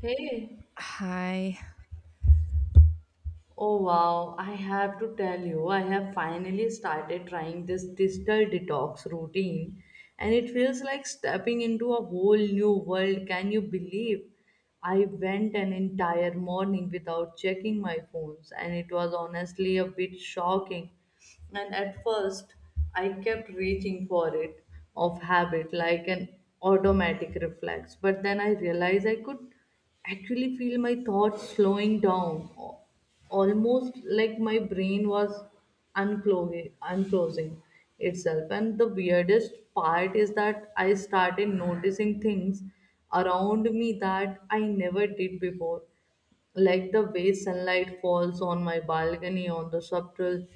Hey, Hi. oh wow, I have to tell you, I have finally started trying this digital detox routine and it feels like stepping into a whole new world. Can you believe? I went an entire morning without checking my phones and it was honestly a bit shocking and at first, I kept reaching for it of habit like an automatic reflex. But then I realized I could actually feel my thoughts slowing down, almost like my brain was unclosing itself. And the weirdest part is that I started noticing things around me that I never did before, like the way sunlight falls on my balcony on the subtle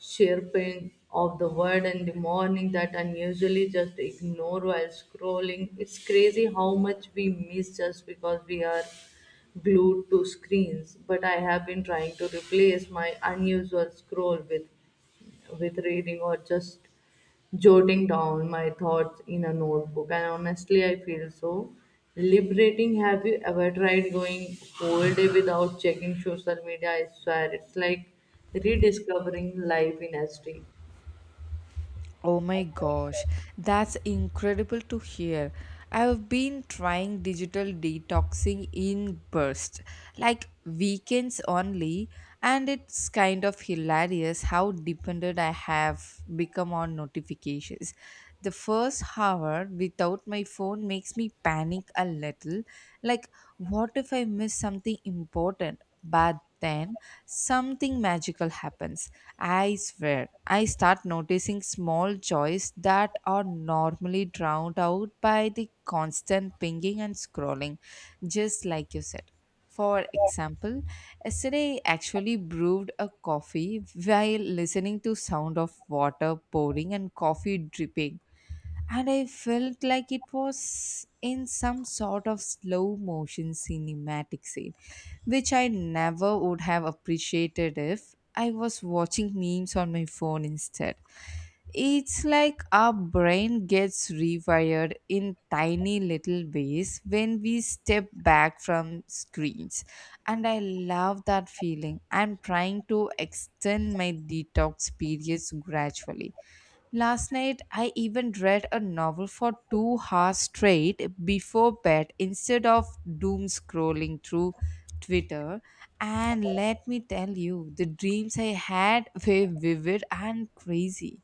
chirping of the bird in the morning that I usually just ignore while scrolling. It's crazy how much we miss just because we are glued to screens. But I have been trying to replace my unusual scroll with reading or just jotting down my thoughts in a notebook. And honestly, I feel so liberating. Have you ever tried going whole day without checking social media? I swear it's like rediscovering life in SD. Oh my gosh, that's incredible to hear. I've been trying digital detoxing in bursts, like weekends only, and it's kind of hilarious how dependent I have become on notifications. The first hour without my phone makes me panic a little, like, what if I miss something important? But then something magical happens, I swear. I start noticing small joys that are normally drowned out by the constant pinging and scrolling, just like you said. For example, yesterday I actually brewed a coffee while listening to sound of water pouring and coffee dripping, and I felt like it was in some sort of slow motion cinematic scene which I never would have appreciated if I was watching memes on my phone instead. It's like our brain gets rewired in tiny little ways when we step back from screens. And I love that feeling. I'm trying to extend my detox periods gradually. Last night, I even read a novel for 2 hours straight before bed instead of doom scrolling through Twitter. And let me tell you, the dreams I had were vivid and crazy.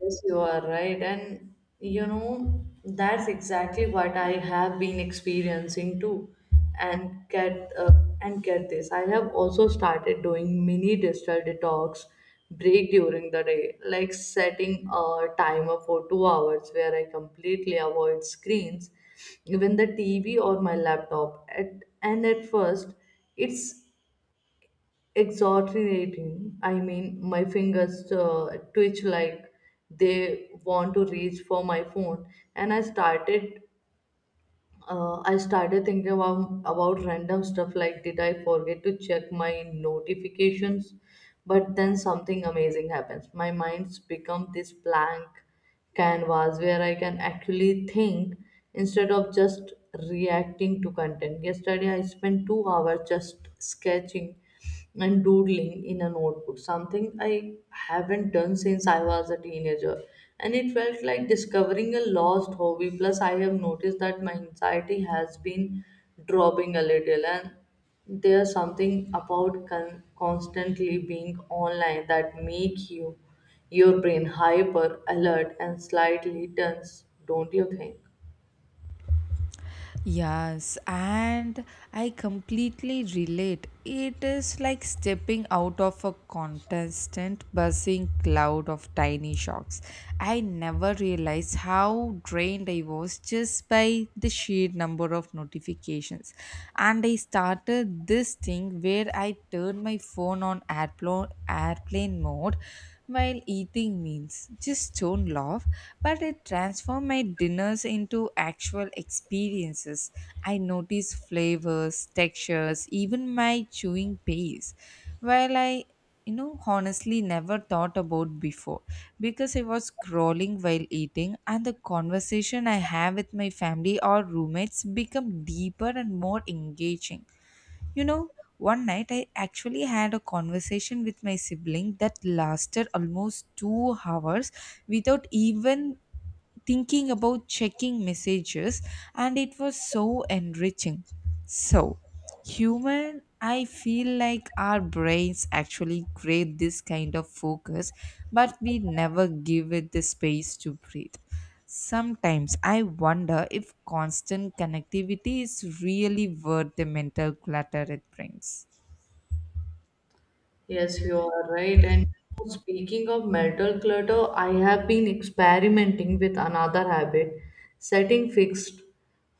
Yes, you are right. And you know, that's exactly what I have been experiencing too. And get uh, and get this. I have also started doing mini digital detox break during the day, like setting a timer for 2 hours where I completely avoid screens, even the TV or my laptop. At first, it's exhortating. I mean, my fingers twitch like they want to reach for my phone, and I started thinking about random stuff like did I forget to check my notifications? But then something amazing happens. My mind's become this blank canvas where I can actually think instead of just reacting to content. Yesterday I spent 2 hours just sketching and doodling in a notebook, something I haven't done since I was a teenager. And it felt like discovering a lost hobby. Plus, I have noticed that my anxiety has been dropping a little, and there's something about constantly being online that make you your brain hyper alert and slightly tense, don't you think? Yes, and I completely relate. It is like stepping out of a constant buzzing cloud of tiny shocks. I never realized how drained I was just by the sheer number of notifications. And I started this thing where I turned my phone on airplane mode while eating meals. Just don't laugh, but it transformed my dinners into actual experiences. I noticed flavors, textures, even my chewing pace, while I honestly never thought about before, because I was scrolling while eating, and the conversation I have with my family or roommates become deeper and more engaging. You know, one night I actually had a conversation with my sibling that lasted almost 2 hours without even thinking about checking messages, and it was so enriching, so human. I feel like our brains actually crave this kind of focus, but we never give it the space to breathe. Sometimes I wonder if constant connectivity is really worth the mental clutter it brings. Yes, you are right. And speaking of mental clutter, I have been experimenting with another habit, setting fixed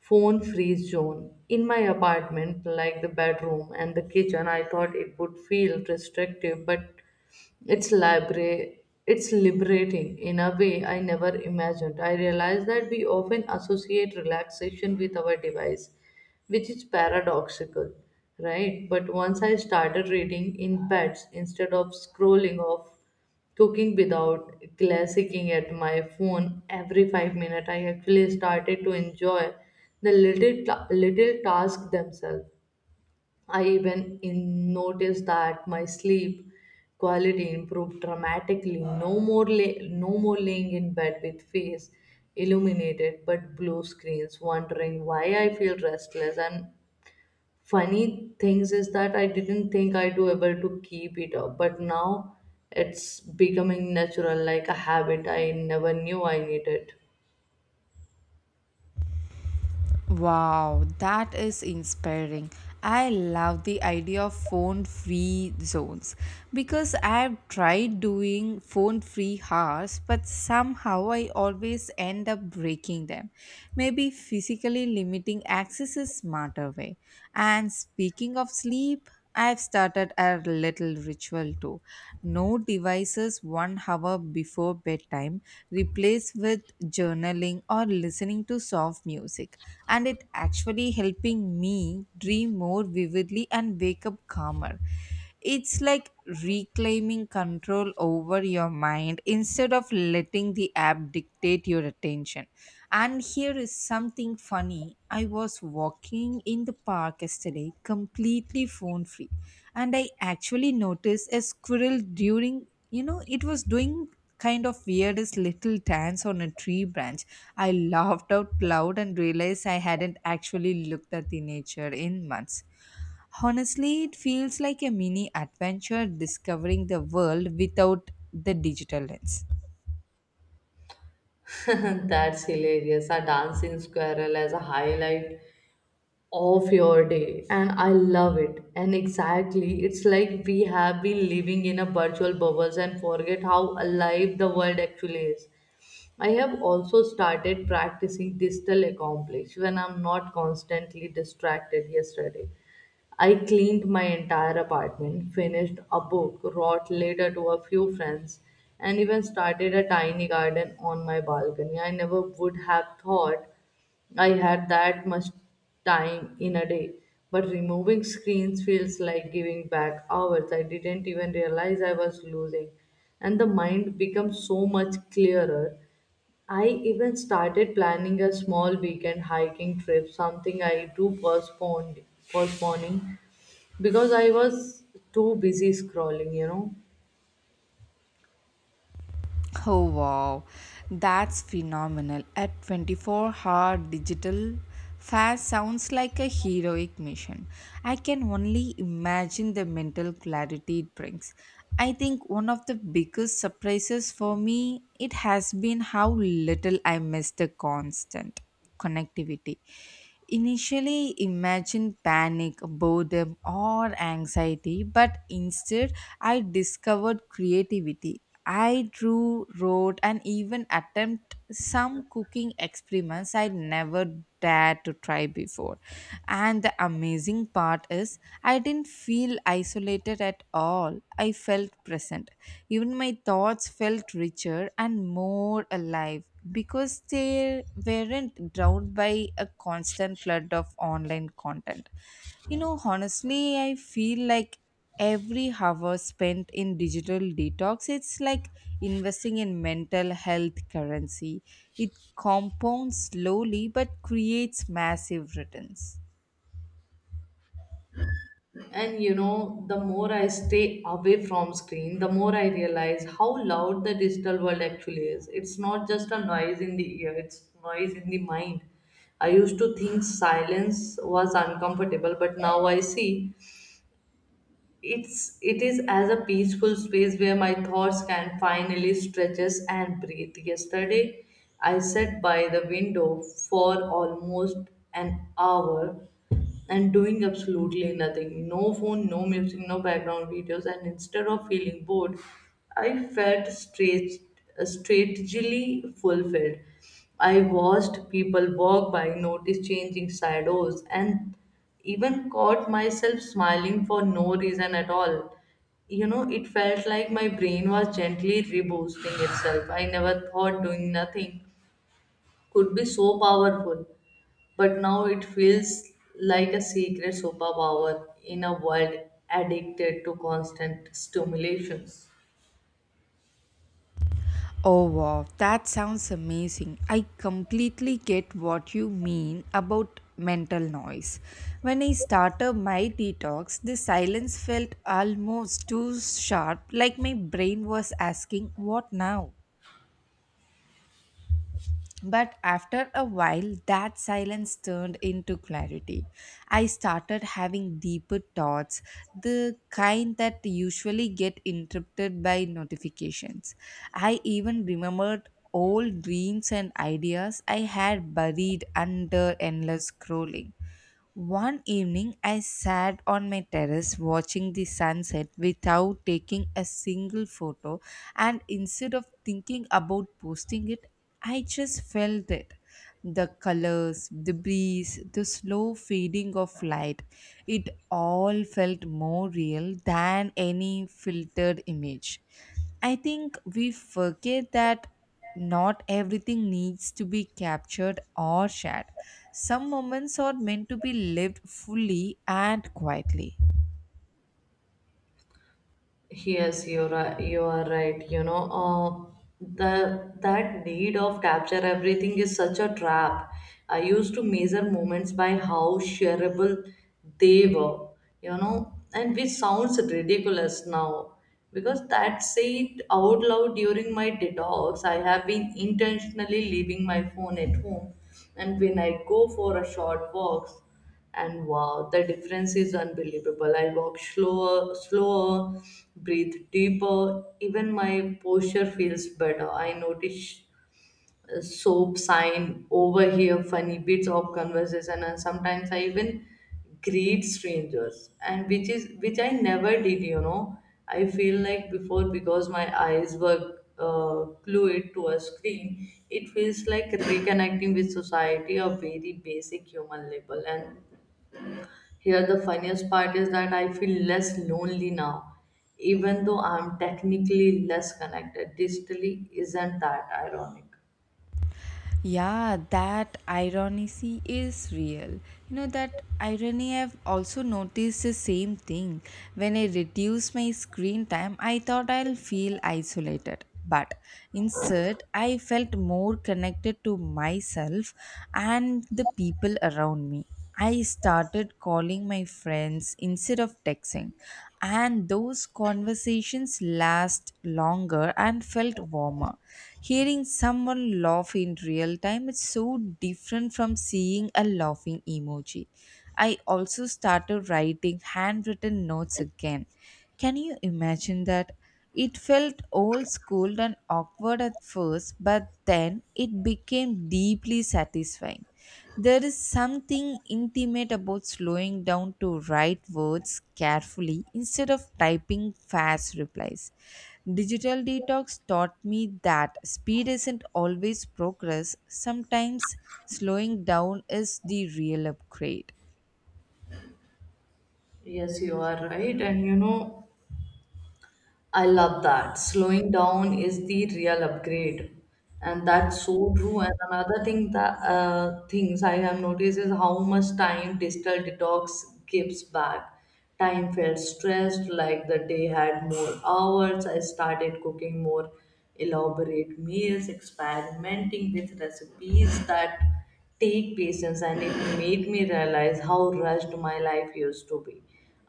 phone free zone in my apartment, like the bedroom and the kitchen. I thought it would feel restrictive, but it's libera- it's liberating in a way I never imagined. I realized that we often associate relaxation with our device, which is paradoxical, right? But once I started reading in beds instead of scrolling off cooking without glassing at my phone every 5 minutes, I actually started to enjoy the little tasks themselves. I even in noticed that my sleep quality improved dramatically. No more laying in bed with face illuminated but blue screens, wondering why I feel restless, and funny things is that I didn't think I'd be able to keep it up, but now it's becoming natural, like a habit I never knew I needed. Wow, that is inspiring. I love the idea of phone free zones because I've tried doing phone free hours, but somehow I always end up breaking them. Maybe physically limiting access is smarter way. And speaking of sleep, I've started a little ritual too. No devices 1 hour before bedtime, replaced with journaling or listening to soft music, and it actually helping me dream more vividly and wake up calmer. It's like reclaiming control over your mind instead of letting the app dictate your attention. And here is something funny, I was walking in the park yesterday completely phone free, and I actually noticed a squirrel during it was doing kind of weirdest little dance on a tree branch. I laughed out loud and realized I hadn't actually looked at the nature in months. Honestly, it feels like a mini adventure discovering the world without the digital lens. That's hilarious. A dancing squirrel as a highlight of your day, and I love it. And exactly, it's like we have been living in a virtual bubbles and forget how alive the world actually is. I have also started practicing digital accomplish when I'm not constantly distracted yesterday. I cleaned my entire apartment, finished a book, wrote letter to a few friends, and even started a tiny garden on my balcony. I never would have thought I had that much time in a day. But removing screens feels like giving back hours I didn't even realize I was losing. And the mind becomes so much clearer. I even started planning a small weekend hiking trip, something I do postponed postponing because I was too busy scrolling, you know. Oh wow, that's phenomenal. At 24-hour digital fast sounds like a heroic mission. I can only imagine the mental clarity it brings. I think one of the biggest surprises for me it has been how little I miss the constant connectivity. Initially, imagine panic, boredom, or anxiety, but instead, I discovered creativity. I drew, wrote, and even attempt some cooking experiments I never dared to try before. And the amazing part is, I didn't feel isolated at all. I felt present. Even my thoughts felt richer and more alive because they weren't drowned by a constant flood of online content. You know, honestly, I feel like every hour spent in digital detox, it's like investing in mental health currency. It compounds slowly but creates massive returns. And you know, the more I stay away from screen, the more I realize how loud the digital world actually is. It's not just a noise in the ear, it's noise in the mind. I used to think silence was uncomfortable, but now I see it is as a peaceful space where my thoughts can finally stretches and breathe. Yesterday I sat by the window for almost an hour and doing absolutely nothing, no phone, no music, no background videos, and instead of feeling bored, I felt straight strategically fulfilled. I watched people walk by, noticed changing shadows, and even caught myself smiling for no reason at all. You know, it felt like my brain was gently reboosting itself. I never thought doing nothing could be so powerful, but now it feels like a secret superpower in a world addicted to constant stimulations. Oh wow, that sounds amazing. I completely get what you mean about mental noise. When I started my detox, the silence felt almost too sharp, like my brain was asking, what now? But after a while, that silence turned into clarity. I started having deeper thoughts, the kind that usually get interrupted by notifications. I even remembered old dreams and ideas I had buried under endless scrolling. One evening, I sat on my terrace watching the sunset without taking a single photo, and instead of thinking about posting it, I just felt it. The colors, the breeze, the slow fading of light, it all felt more real than any filtered image. I think we forget that not everything needs to be captured or shared. Some moments are meant to be lived fully and quietly. Yes, you're right. You are right. Uh, the that need of capture everything is such a trap. I used to measure moments by how shareable they were. You know, and which sounds ridiculous now because that said out loud during my detox, I have been intentionally leaving my phone at home, and when I go for a short walk, and wow, the difference is unbelievable. I walk slower, breathe deeper, even my posture feels better. I notice soap sign over here, funny bits of conversation, and sometimes I even greet strangers, and which I never did. You know, I feel like before, because my eyes were glued to a screen, it feels like reconnecting with society a very basic human level. And here, the funniest part is that I feel less lonely now, even though I'm technically less connected. Digitally, isn't that ironic? Yeah, that irony is real. You know, that irony, I've also noticed the same thing. When I reduce my screen time, I thought I'll feel isolated. But instead, I felt more connected to myself and the people around me. I started calling my friends instead of texting, and those conversations last longer and felt warmer. Hearing someone laugh in real time is so different from seeing a laughing emoji. I also started writing handwritten notes again. Can you imagine that? It felt old school and awkward at first, but then it became deeply satisfying. There is something intimate about slowing down to write words carefully instead of typing fast replies. Digital detox taught me that speed isn't always progress, sometimes slowing down is the real upgrade. Yes, you are right. And you know, I love that. Slowing down is the real upgrade. And that's so true. And another things I have noticed is how much time digital detox gives back. Time felt stressed, like the day had more hours. I started cooking more elaborate meals, experimenting with recipes that take patience, and it made me realize how rushed my life used to be.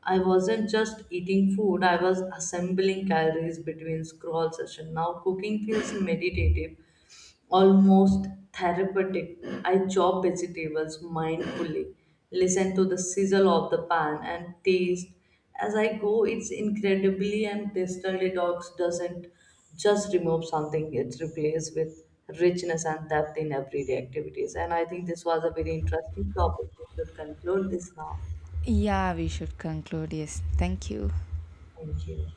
I wasn't just eating food, I was assembling calories between scroll sessions. Now cooking feels meditative, almost therapeutic. I chop vegetables mindfully, listen to the sizzle of the pan and taste as I go. It's incredibly, and digital detox doesn't just remove something, it replaces with richness and depth in everyday activities. And I think this was a very interesting topic. We should conclude this now. Yeah, we should conclude. Yes, thank you. Thank you.